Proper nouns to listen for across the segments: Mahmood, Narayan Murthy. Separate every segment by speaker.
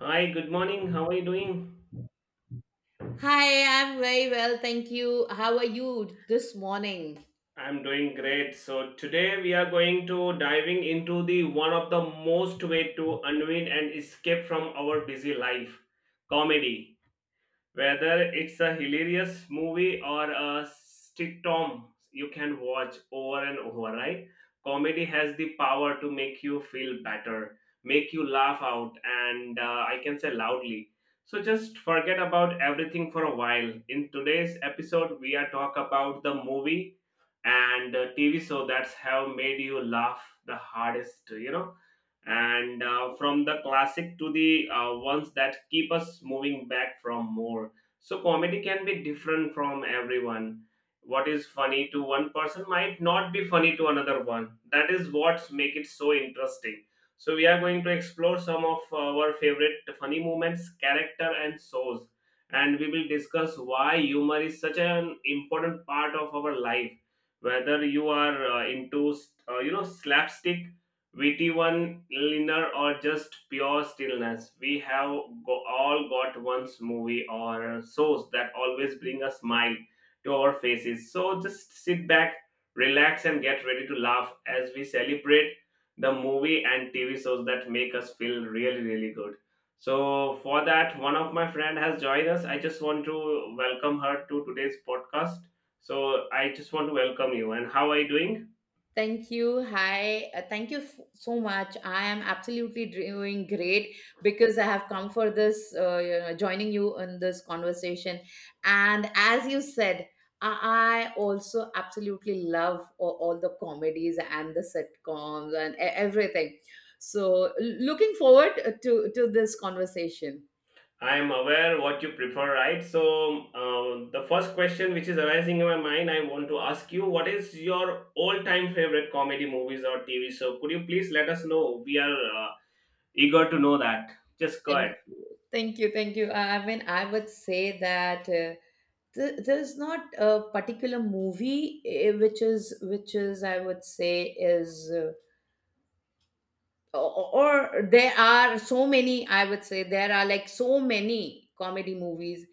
Speaker 1: Hi, good morning. How are you doing?
Speaker 2: Hi, I'm very well, thank you. How are you this morning?
Speaker 1: I'm doing great. So today we are going to diving into the one of the most way to unwind and escape from our busy life, comedy. Whether it's a hilarious movie or a sitcom you can watch over and over, right? Comedy has the power to make you feel better, make you laugh out and I can say loudly. So just forget about everything for a while. In today's episode we are talk about the movie and TV show that's have made you laugh the hardest. And from the classic to the ones that keep us moving back from more. So comedy can be different from everyone. What is funny to one person might not be funny to another one. That is what make it so interesting. So we are going to explore some of our favorite funny moments, character and shows, and we will discuss why humor is such an important part of our life. Whether you are into slapstick, witty one liner or just pure stillness, we have all got once movie or shows that always bring a smile to our faces. So just sit back, relax and get ready to laugh as we celebrate the movie and TV shows that make us feel really really good. So for that, one of my friend has joined us. I just want to welcome her to today's podcast. So I just want to welcome you and how are you doing?
Speaker 2: Thank you. Hi. Thank you so much. I am absolutely doing great because I have come for this, joining you in this conversation. And as you said, I also absolutely love all the comedies and the sitcoms and everything. So, looking forward to this conversation.
Speaker 1: I'm aware what you prefer, right? So, the first question which is arising in my mind, I want to ask you, what is your all-time favorite comedy movies or TV show? Could you please let us know? We are eager to know that. Just go
Speaker 2: Thank
Speaker 1: ahead.
Speaker 2: you. Thank you. Thank you. I mean, I would say that there's not a particular movie which is I would say is or there are so many. I would say there are like so many comedy movies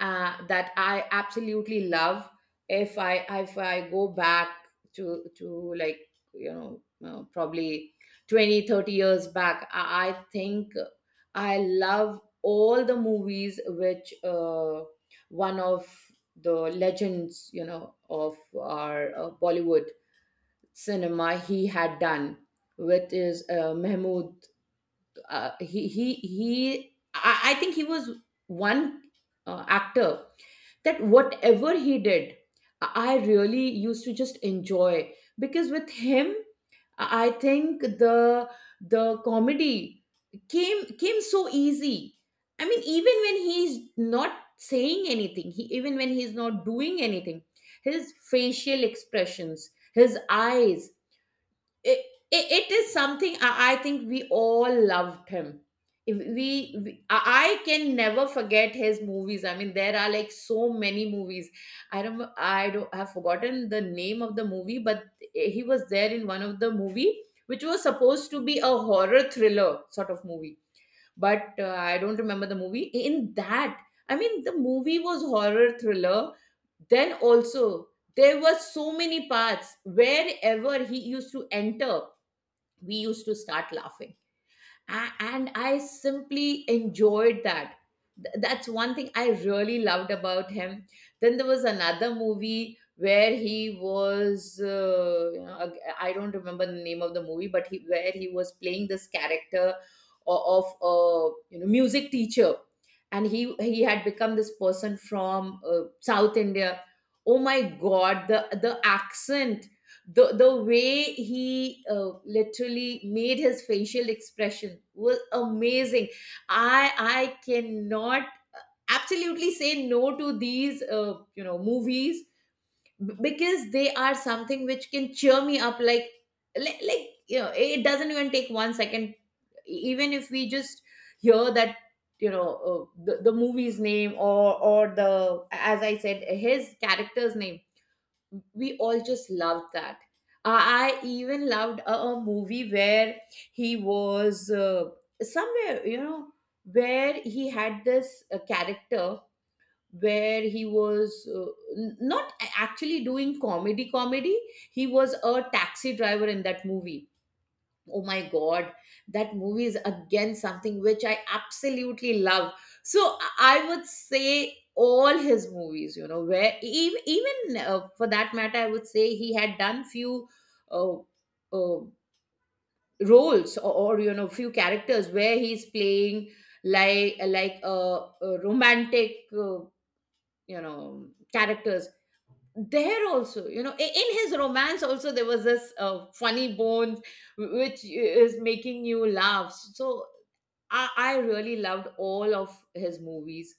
Speaker 2: that I absolutely love. If I go back to like you probably 20-30 years back I think I love all the movies which, one of the legends, you know, of our Bollywood cinema he had done with is Mahmood. I think he was one actor that whatever he did I really used to just enjoy because with him I think the the comedy came so easy. I mean even when he's not saying anything, he even when he's not doing anything, his facial expressions, his eyes, it, it, it is something. I think we all loved him. If we, we i I can never forget his movies. I mean there are like so many movies. I don't have forgotten the name of the movie, but he was there in one of the movie which was supposed to be a horror thriller sort of movie, but I don't remember the movie. In that, I mean, the movie was horror thriller, then also there were so many parts wherever he used to enter, we used to start laughing. And I simply enjoyed that. That's one thing I really loved about him. Then there was another movie where he was, I don't remember the name of the movie, but he, where he was playing this character of a, you know, music teacher, and he had become this person from South India. Oh my god, the accent, the way he literally made his facial expression was amazing. I cannot absolutely say no to these, movies, because they are something which can cheer me up like, you know, it doesn't even take 1 second. Even if we just hear that, you know, the movie's name, or the as I said, his character's name, we all just loved that. I even loved a movie where he was, somewhere, you know, where he had this character where he was, not actually doing comedy comedy. He was a taxi driver in that movie. Oh my god, that movie is again something which I absolutely love. So I would say all his movies, you know, where even, even for that matter, I would say he had done few uh, uh, roles, or you know, few characters where he's playing like, a romantic, you know characters. There also, you know, in his romance also there was this funny bones which is making you laugh. So I really loved all of his movies.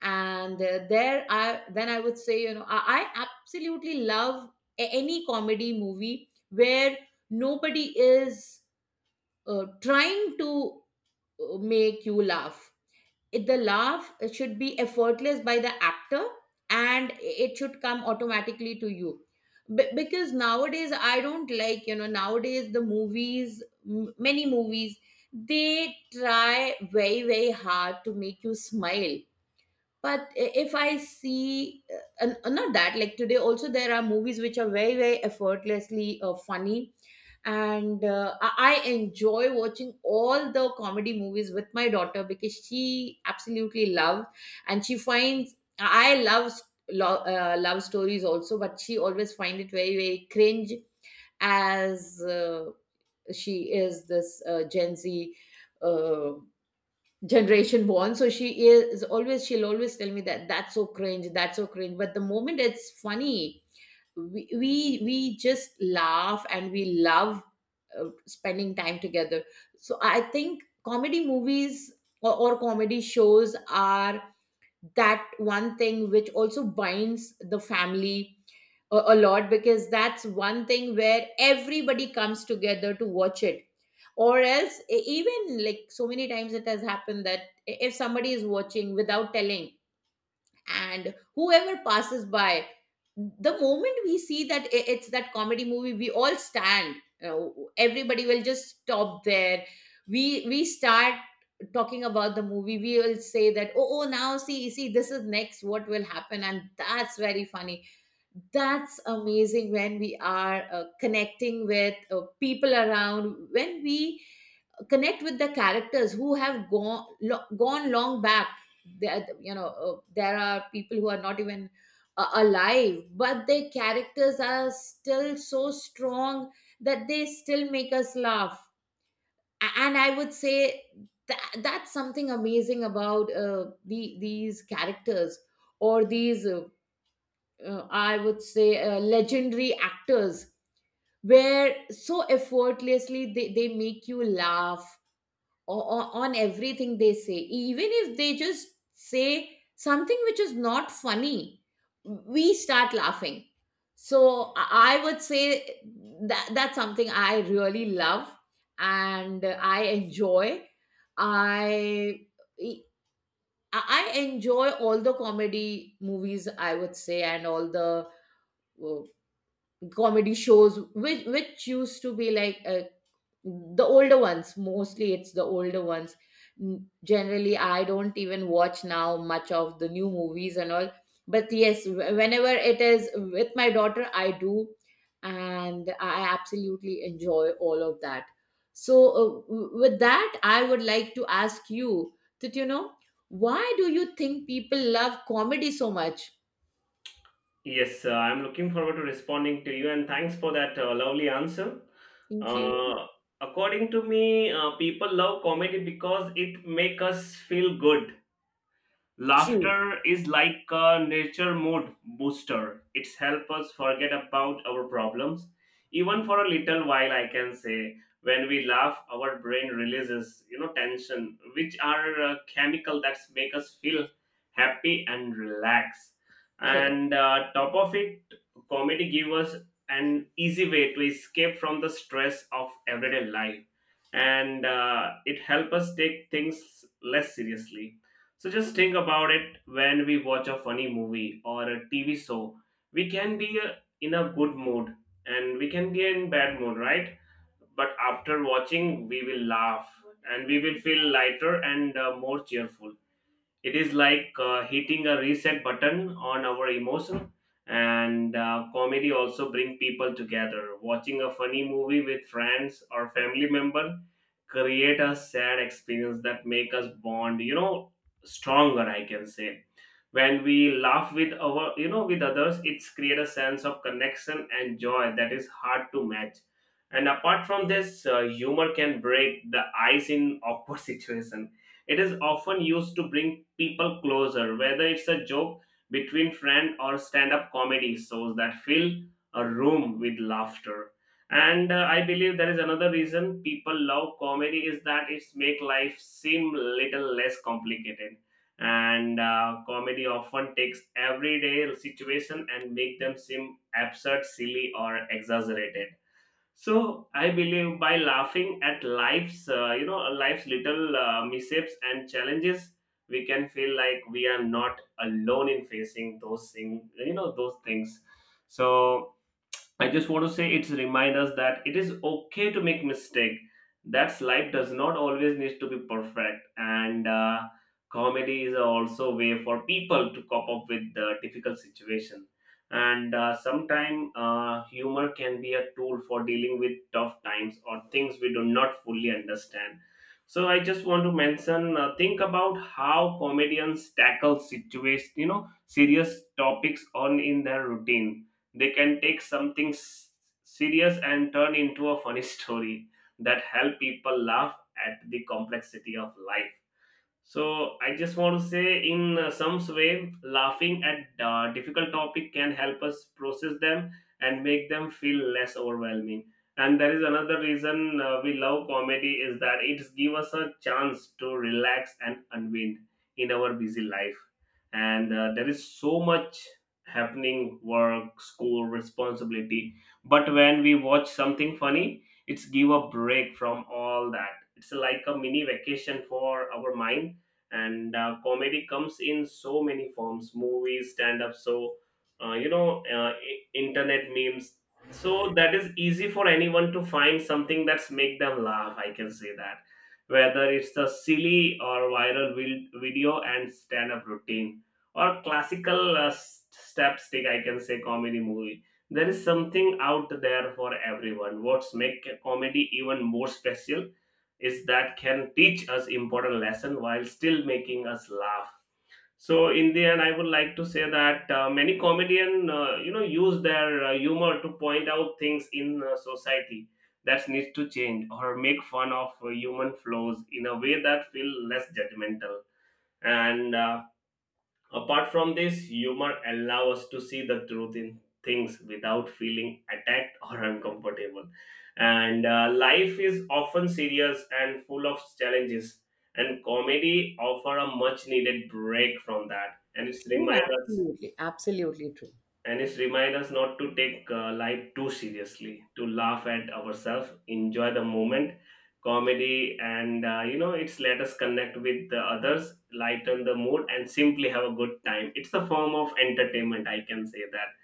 Speaker 2: And there I then I would say, you know, I absolutely love any comedy movie where nobody is trying to make you laugh. It, the laugh should be effortless by the actor, and it should come automatically to you. Because nowadays I don't like, you know, nowadays the movies, many movies, they try very, very hard to make you smile. But I- if I see, and not that, like today also there are movies which are very, very effortlessly funny. And I enjoy watching all the comedy movies with my daughter because she absolutely loves, and she finds, I love love stories also, but she always find it very, very cringe, as uh, she is this Gen Z Uh, generation born, so she is always she'll always tell me that that's so cringe, that's so cringe, but the moment it's funny, we just laugh and we love spending time together. So I think comedy movies or comedy shows are that one thing which also binds the family a lot, because that's one thing where everybody comes together to watch it. Or else, e- even like so many times it has happened that if somebody is watching without telling, and whoever passes by, the moment we see that it's that comedy movie, we all stand, you know, everybody will just stop there. We start talking about the movie. We will say that, oh, now, see this is next, what will happen, and that's very funny. That's amazing, when we are connecting with people around, when we connect with the characters who have gone long back. There, you know, there are people who are not even alive, but their characters are still so strong that they still make us laugh. And I would say that that's something amazing about these characters, or these, I would say, legendary actors, where so effortlessly they make you laugh. Or on everything they say, even if they just say something which is not funny, we start laughing. So I would say that that's something I really love and I enjoy. I I I enjoy all the comedy movies, I would say, and all the uh, comedy shows which used to be like, the older ones. Mostly it's the older ones. Generally, I don't even watch now much of the new movies and all, but yes, whenever it is with my daughter, I do, and I absolutely enjoy all of that. So, with that, I would like to ask you that, you know, why do you think people love comedy so much?
Speaker 1: Yes, I'm looking forward to responding to you, and thanks for that lovely answer.
Speaker 2: Thank you.
Speaker 1: Uh, according to me, people love comedy because it make us feel good.
Speaker 2: True.
Speaker 1: Laughter is like a nature mood booster. It's help us forget about our problems. Even for a little while, I can say, when we laugh, our brain releases, you know, tension, which are chemical that make us feel happy and relax. And top of it, comedy give us an easy way to escape from the stress of everyday life. And it help us take things less seriously. So just think about it when we watch a funny movie or a TV show. We can be in a good mood and we can be in bad mood, right? But after watching, we will laugh and we will feel lighter and more cheerful. It is like hitting a reset button on our emotion. And comedy also bring people together. Watching a funny movie with friends or family member create a sad experience that make us bond. You know, stronger. I can say when we laugh with our, you know, with others, it's create a sense of connection and joy that is hard to match. And apart from this, humor can break the ice in awkward situation. It is often used to bring people closer, whether it's a joke between friend or stand-up comedy shows that fill a room with laughter. And I believe there is another reason people love comedy is that it's make life seem little less complicated. And comedy often takes everyday situation and make them seem absurd, silly, or exaggerated. So I believe by laughing at life's, life's little mishaps and challenges, we can feel like we are not alone in facing those things, those things. So I just want to say it's remind us that it is okay to make mistake. That's life does not always need to be perfect, and comedy is also a way for people to cope up with the difficult situation. And sometimes humor can be a tool for dealing with tough times or things we do not fully understand. So I just want to mention, think about how comedians tackle situations, you know, serious topics on in their routine. They can take something serious and turn into a funny story that help people laugh at the complexity of life. So I just want to say, in some way, laughing at difficult topic can help us process them and make them feel less overwhelming. And there is another reason we love comedy is that it gives us a chance to relax and unwind in our busy life. And there is so much happening, work, school, responsibility. But when we watch something funny, it's give a break from all that. It's like a mini vacation for our mind. And comedy comes in so many forms, movies, stand up, so internet memes. So that is easy for anyone to find something that's make them laugh, I can say that. Whether it's a silly or viral video and stand up routine or classical step stick, I can say comedy movie, there is something out there for everyone. What's make comedy even more special is that can teach us important lesson while still making us laugh. So in the end I would like to say that many comedian use their humor to point out things in society that needs to change or make fun of human flaws in a way that feel less judgmental. And apart from this, humor allows us to see the truth in things without feeling attacked or uncomfortable. And life is often serious and full of challenges, and comedy offer a much needed break from that. And it's
Speaker 2: Oh,
Speaker 1: remind us
Speaker 2: absolutely. Absolutely true.
Speaker 1: and it reminds us not to take life too seriously, to laugh at ourselves, enjoy the moment. Comedy and, it's let us connect with the others, lighten the mood and simply have a good time. It's a form of entertainment, I can say that,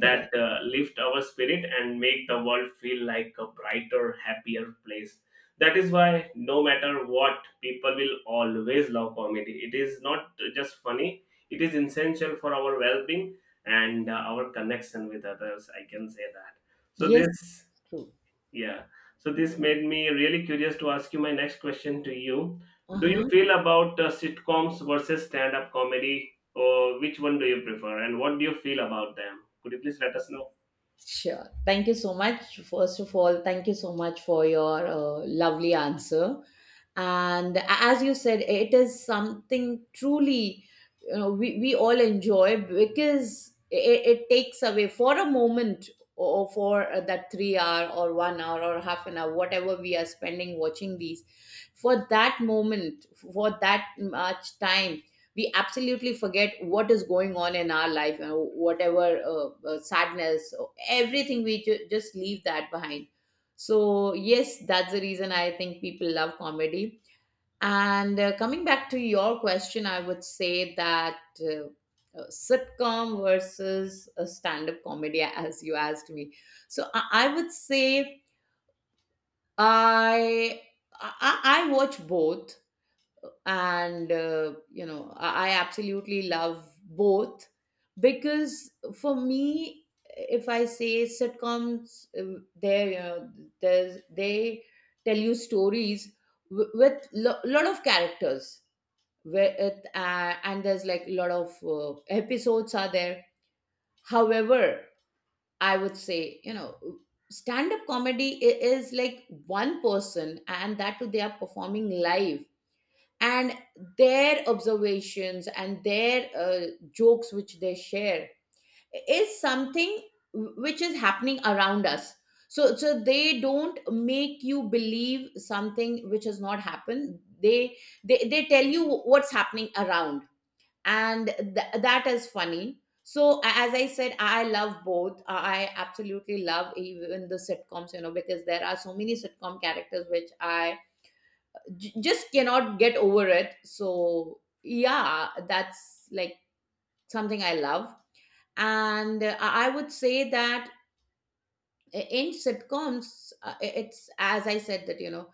Speaker 2: Correct.
Speaker 1: lift our spirit and make the world feel like a brighter happier place. That is why, no matter what, people will always love comedy. It is not just funny, it is essential for our well-being and our connection with others, I can say that. So
Speaker 2: Yes,
Speaker 1: this,
Speaker 2: true.
Speaker 1: yeah, so this made me really curious to ask you my next question to you. Do you
Speaker 2: Uh-huh.
Speaker 1: feel about sitcoms versus stand up comedy, or which one do you prefer and what do you feel about them? Could you please let us know?
Speaker 2: Sure. Thank you so much. First of all, thank you so much for your lovely answer. And as you said, it is something truly, you know, we all enjoy, because it takes away for a moment, or for that 3 hour or 1 hour or half an hour, whatever we are spending watching these. For that moment, for that much time, we absolutely forget what is going on in our life, and whatever, sadness, everything, we just leave that behind. So yes, that's the reason I think people love comedy. And coming back to your question, I would say that, uh, sitcom versus a stand-up comedy, as you asked me. So I would say i I watch both, and I absolutely love both. Because for me, if I say sitcoms, there, you know, there's they tell you stories w- with lot of characters, where and there's like a lot of episodes are there. However, I would say, you know, stand up comedy is like one person, and that too they are performing live, and their observations and their jokes which they share is something which is happening around us. So they don't make you believe something which has not happened. They tell you what's happening around, and that is funny. So as I said, I love both. I absolutely love even the sitcoms, you know, because there are so many sitcom characters which I just cannot get over it. So yeah, that's like something I love. And I would say that in sitcoms, it's as I said, that, you know,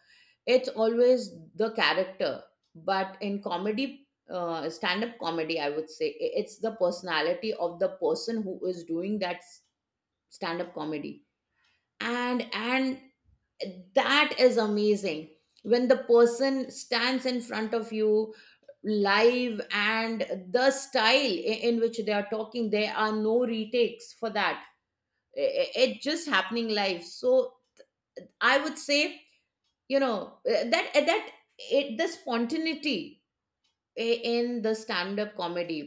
Speaker 2: it's always the character. But in comedy, stand-up comedy, I would say, it's the personality of the person who is doing that stand-up comedy, and that is amazing. When the person stands in front of you live, and the style in which they are talking, there are no retakes for that. It just happening live. So I would say, you know, that it the spontaneity i- in the stand up comedy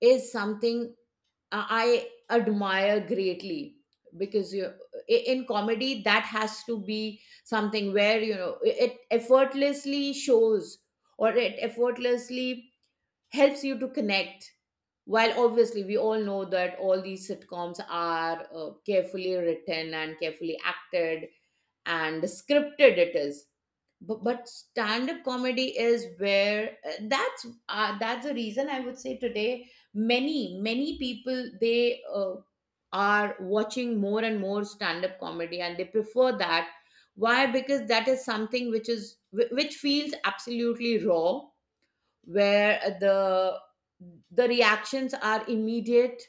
Speaker 2: is something I admire greatly. Because you, in comedy that has to be something where, you know, it effortlessly shows, or it effortlessly helps you to connect. While obviously we all know that all these sitcoms are carefully written and carefully acted and scripted it is. But stand-up comedy is where that's the reason I would say today many many people they are watching more and more stand-up comedy and they prefer that. Why? Because that is something which is which feels absolutely raw, where the reactions are immediate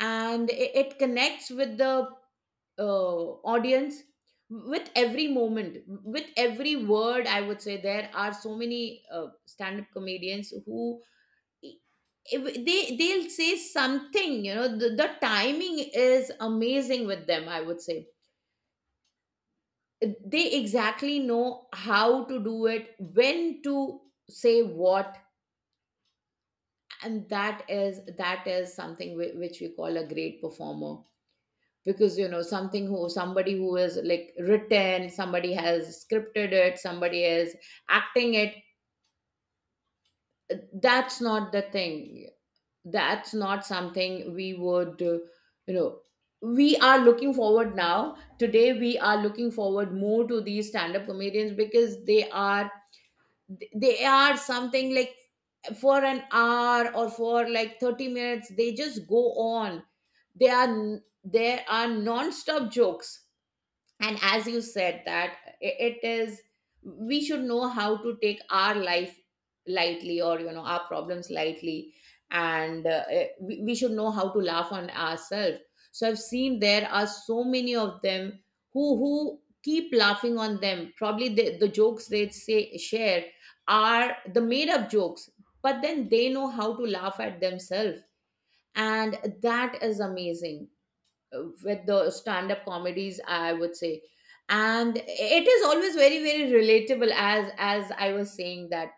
Speaker 2: and it connects with the audience, with every moment, with every word. I would say there are so many stand up comedians who, if they'll say something, you know, the timing is amazing with them, I would say. They exactly know how to do it, when to say what. And that is something which we call a great performer. Because, you know, something who somebody who is like written, somebody has scripted it, somebody is acting it, that's not the thing. That's not something we would, you know we are looking forward now. Today we are looking forward more to these stand up comedians because they are something like, for an hour or for like 30 minutes, they just go on. They are There are non-stop jokes. And as you said that, it is, we should know how to take our life lightly, or, you know, our problems lightly. And we should know how to laugh on ourselves. So I've seen there are so many of them who keep laughing on them. Probably the jokes they say share are the made up jokes, but then they know how to laugh at themselves. And that is amazing, with the stand up comedies, I would say. And it is always very very relatable. As I was saying, that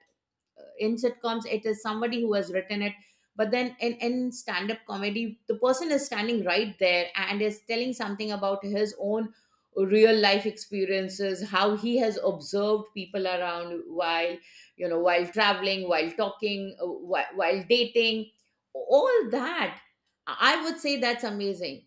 Speaker 2: in sitcoms it is somebody who has written it, but then in stand up comedy the person is standing right there and is telling something about his own real life experiences, how he has observed people around, while, you know, while traveling, while talking, while dating, all that. I would say that's amazing.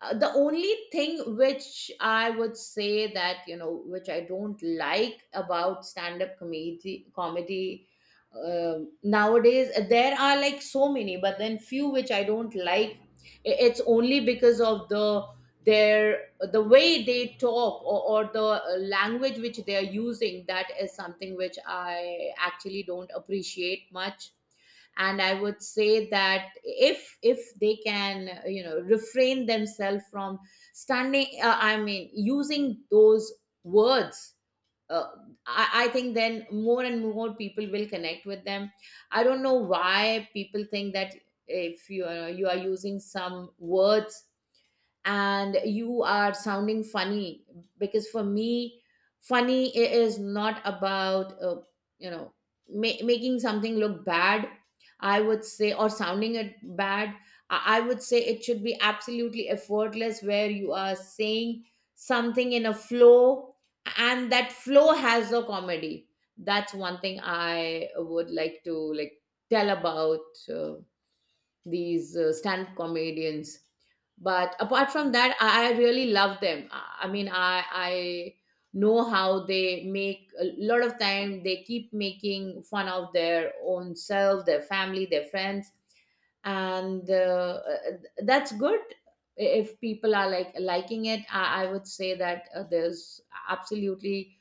Speaker 2: The only thing which I would say, that you know, which I don't like about stand up comedy nowadays, there are like so many, but then few which I don't like. It's only because of the way they talk, or the language which they are using. That is something which I actually don't appreciate much. And I would say that if they can, you know, refrain themselves from I mean, using those words. uh, I think then more and more people will connect with them. I don't know why people think that if you are using some words and you are sounding funny. Because for me, funny is not about, you know making something look bad, I would say, or sounding it bad. I would say it should be absolutely effortless, where you are saying something in a flow and that flow has a comedy. That's one thing I would like to, like, tell about, these stand-up comedians. But apart from that, I really love them. I mean, I know how they, make a lot of time, they keep making fun of their own self, their family, their friends. And that's good. If people are like liking it, I would say that, there's absolutely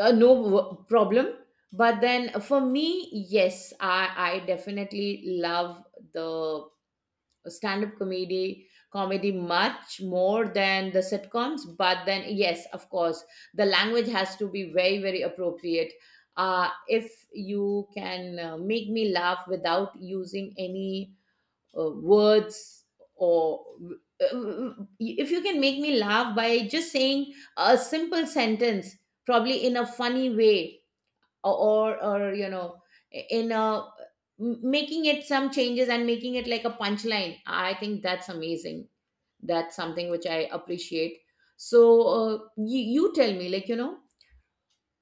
Speaker 2: no problem. But then for me, yes, I definitely love the stand up comedy much more than the sitcoms. But then, yes, of course, the language has to be very very appropriate. If you can, make me laugh without using any words, or uh, uh, if you can make me laugh by just saying a simple sentence, probably in a funny way, or you know, in a, making it some changes and making it like a punchline, I think that's amazing. That's something which I appreciate. So, you, you tell me, like, you know,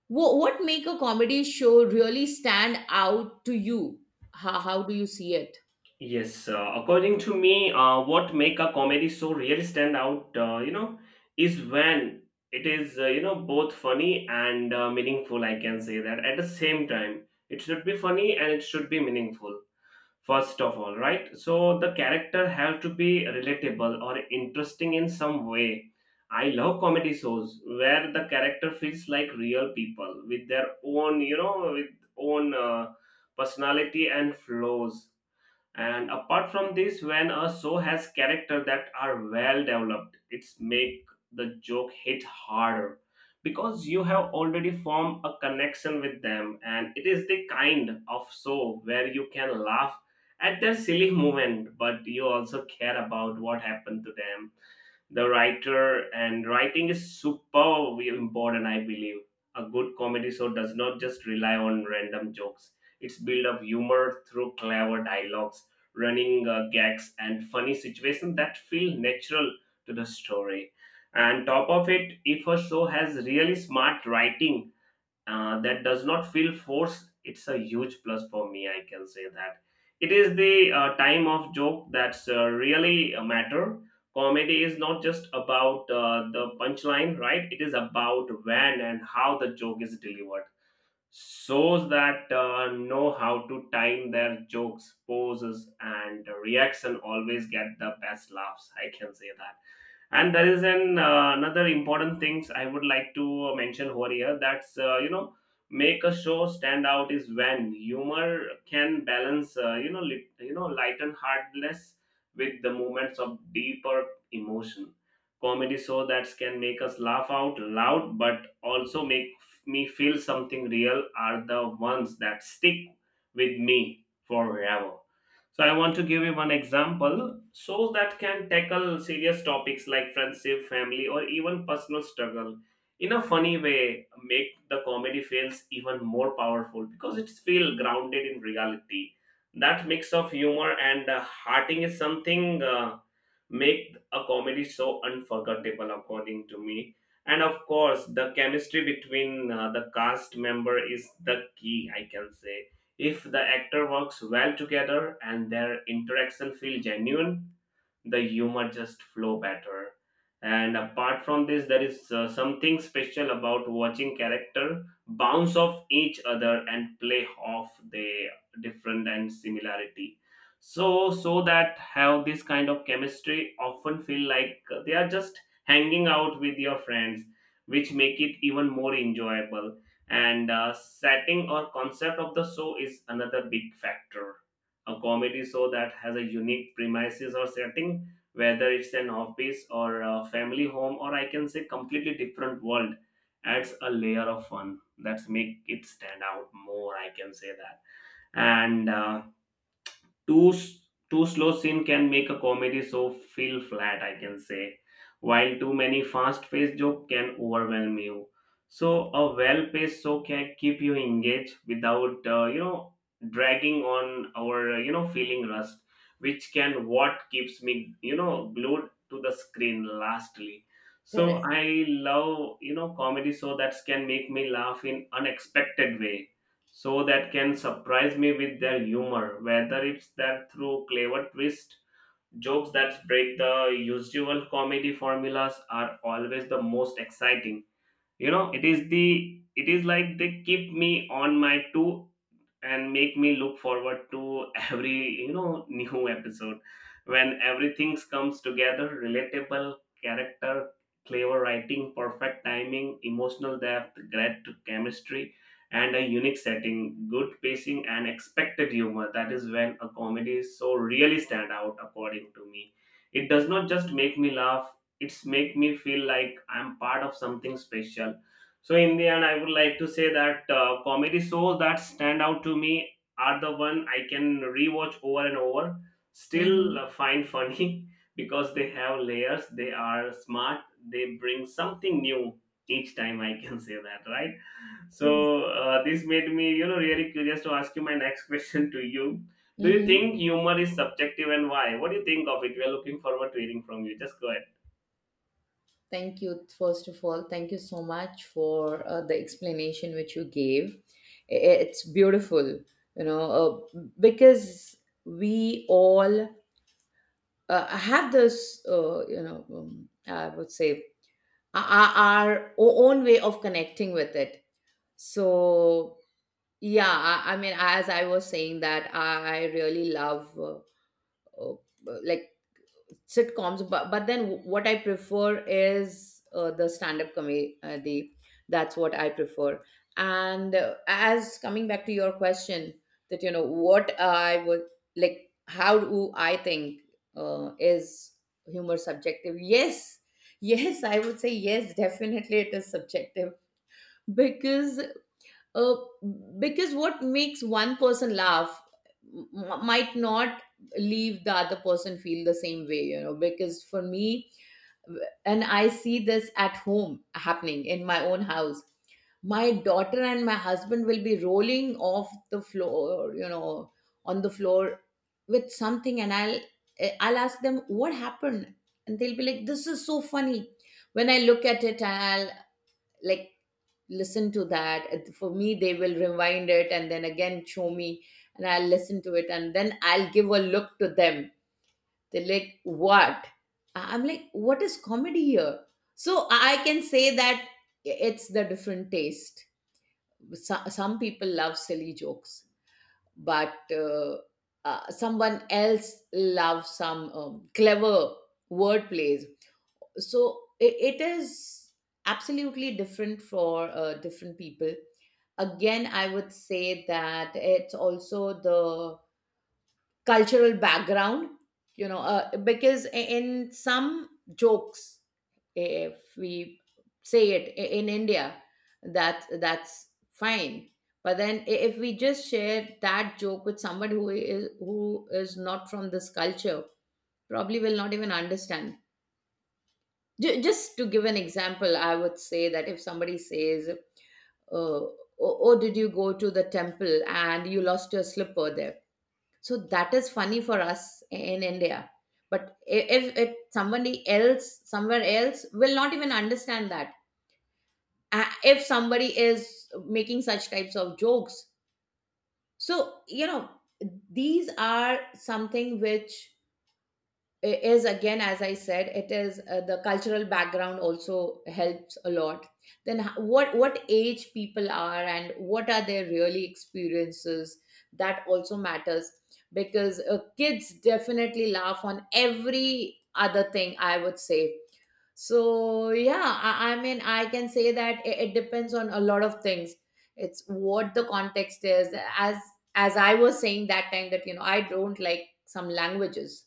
Speaker 2: what make a comedy show really stand out to you? How do you see it?
Speaker 1: Yes, according to me, what make a comedy show really stand out, is when it is, both funny and meaningful. I can say that at the same time, it should be funny and it should be meaningful. First of all, right? So the character have to be relatable or interesting in some way. I love comedy shows where the character feels like real people with their own, you know, with own personality and flaws. And apart from this, when a show has character that are well developed, it's make the joke hit harder because you have already formed a connection with them, and it is the kind of show where you can laugh at their silly moment but you also care about what happened to them. The writer and writing is super important, I believe. A good comedy show does not just rely on random jokes. It's built of humor through clever dialogues, running gags and funny situations that feel natural to the story. And top of it, if a show has really smart writing that does not feel forced, it's a huge plus for me, I can say that. It is the time of joke that's really a matter. Comedy is not just about the punchline, right? It is about when and how the joke is delivered. Shows that know how to time their jokes, poses and reaction always get the best laughs, I can say that. And there is an another important things I would like to mention over here. That's, make a show stand out is when humor can balance, lit you know light and heartless with the moments of deeper emotion. Comedy show that can make us laugh out loud but also make me feel something real are the ones that stick with me forever. So I want to give you one example. Shows that can tackle serious topics like friendship, family, or even personal struggle in a funny way make the comedy feels even more powerful because it's feel grounded in reality. That mix of humor and hearting is something make a comedy so unforgettable, according to me. And of course, the chemistry between the cast member is the key, I can say. If the actor works well together and their interaction feels genuine, the humor just flow better. And apart from this, there is something special about watching character bounce off each other and play off the different and similarity. So so that have this kind of chemistry often feel like they are just hanging out with your friends, which make it even more enjoyable. And setting or concept of the show is another big factor. A comedy show that has a unique premises or setting, whether it's an office or a family home, or I can say completely different world, adds a layer of fun that's make it stand out more, I can say that. And too slow scene can make a comedy so feel flat, I can say, while too many fast paced joke can overwhelm you. So a well paced show can keep you engaged without, dragging on or, feeling rust, which can what keeps me, you know, glued to the screen. Lastly, so
Speaker 2: Correct.
Speaker 1: I love, you know, comedy show that can make me laugh in unexpected way, so that can surprise me with their humor, whether it's that through clever twist, jokes that break the usual comedy formulas are always the most exciting. You know, it is the, it is like they keep me on my two and make me look forward to every, you know, new episode. When everything comes together, relatable character, clever writing, perfect timing, emotional depth, great chemistry and a unique setting, good pacing and expected humor, that is when a comedy is so really stand out according to me. It does not just make me laugh, it's make me feel like I'm part of something special. So in the end, I would like to say that comedy shows that stand out to me are the one I can rewatch over and over,
Speaker 2: Mm-hmm.
Speaker 1: still find funny because they have layers. They are smart. They bring something new each time. I can say that, right?
Speaker 2: True.
Speaker 1: So this made me, you know, really curious to ask you my next question to you. Do you
Speaker 2: Mm-hmm.
Speaker 1: think humor is subjective and why? What do you think of it? We are looking forward to hearing from you. Just go ahead.
Speaker 2: Thank you. First of all, thank you so much for the explanation which you gave. It's beautiful, you know, because we all have this, I would say, our own way of connecting with it. So yeah, I mean, as I was saying, that I really love, uh, like, sitcoms, but then what I prefer is the stand-up comedy. That's what I prefer. And as coming back to your question, that, you know, what I would like, how do I think, is humor subjective? Yes, yes, I would say yes. Definitely, it is subjective. Because, uh, because what makes one person laugh might not leave the other person feel the same way. You know, because for me, and I see this at home, happening in my own house, my daughter and my husband will be rolling off the floor, you know, on the floor, with something, and I'll ask them what happened. And they'll be like, this is so funny. When I look at it, I'll, like, listen to that. And for me, they will rewind it and then again show me, and I'll listen to it, and then I'll give a look to them. They're like, what? I'm like, what is comedy here? So I can say that it's the different taste. Some people love silly jokes, but someone else loves some clever wordplays. So it is absolutely different for different people. Again, I would say that it's also the cultural background, you know, because in some jokes, if we say it in india, that that's fine, but then if we just share that joke with somebody who is not from this culture, probably will not even understand. Just to give an example, I would say that if somebody says, oh, oh, did you go to the temple and you lost your slipper there? So that is funny for us in India. But if it, somebody else, somewhere else, will not even understand that. If somebody is making such types of jokes. So, you know, these are something which, it is, again, as I said, it is the cultural background also helps a lot. Then what age people are and what are their really experiences, that also matters. Because kids definitely laugh on every other thing, I would say. So yeah, I mean, I can say that it depends on a lot of things. It's what the context is. As I was saying that time, that, you know, I don't like some languages.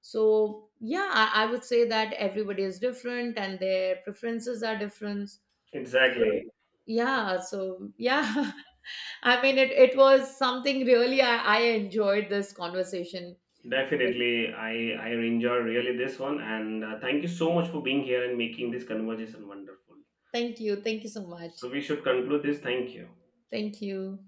Speaker 2: So yeah, I would say that everybody is different and their preferences are different.
Speaker 1: Exactly.
Speaker 2: So yeah, I mean, it was something really, I enjoyed this conversation.
Speaker 1: Definitely, I enjoy really this one, and thank you so much for being here and making this conversation wonderful.
Speaker 2: Thank you. Thank you so
Speaker 1: So
Speaker 2: much.
Speaker 1: we should conclude this. Thank you.
Speaker 2: Thank you.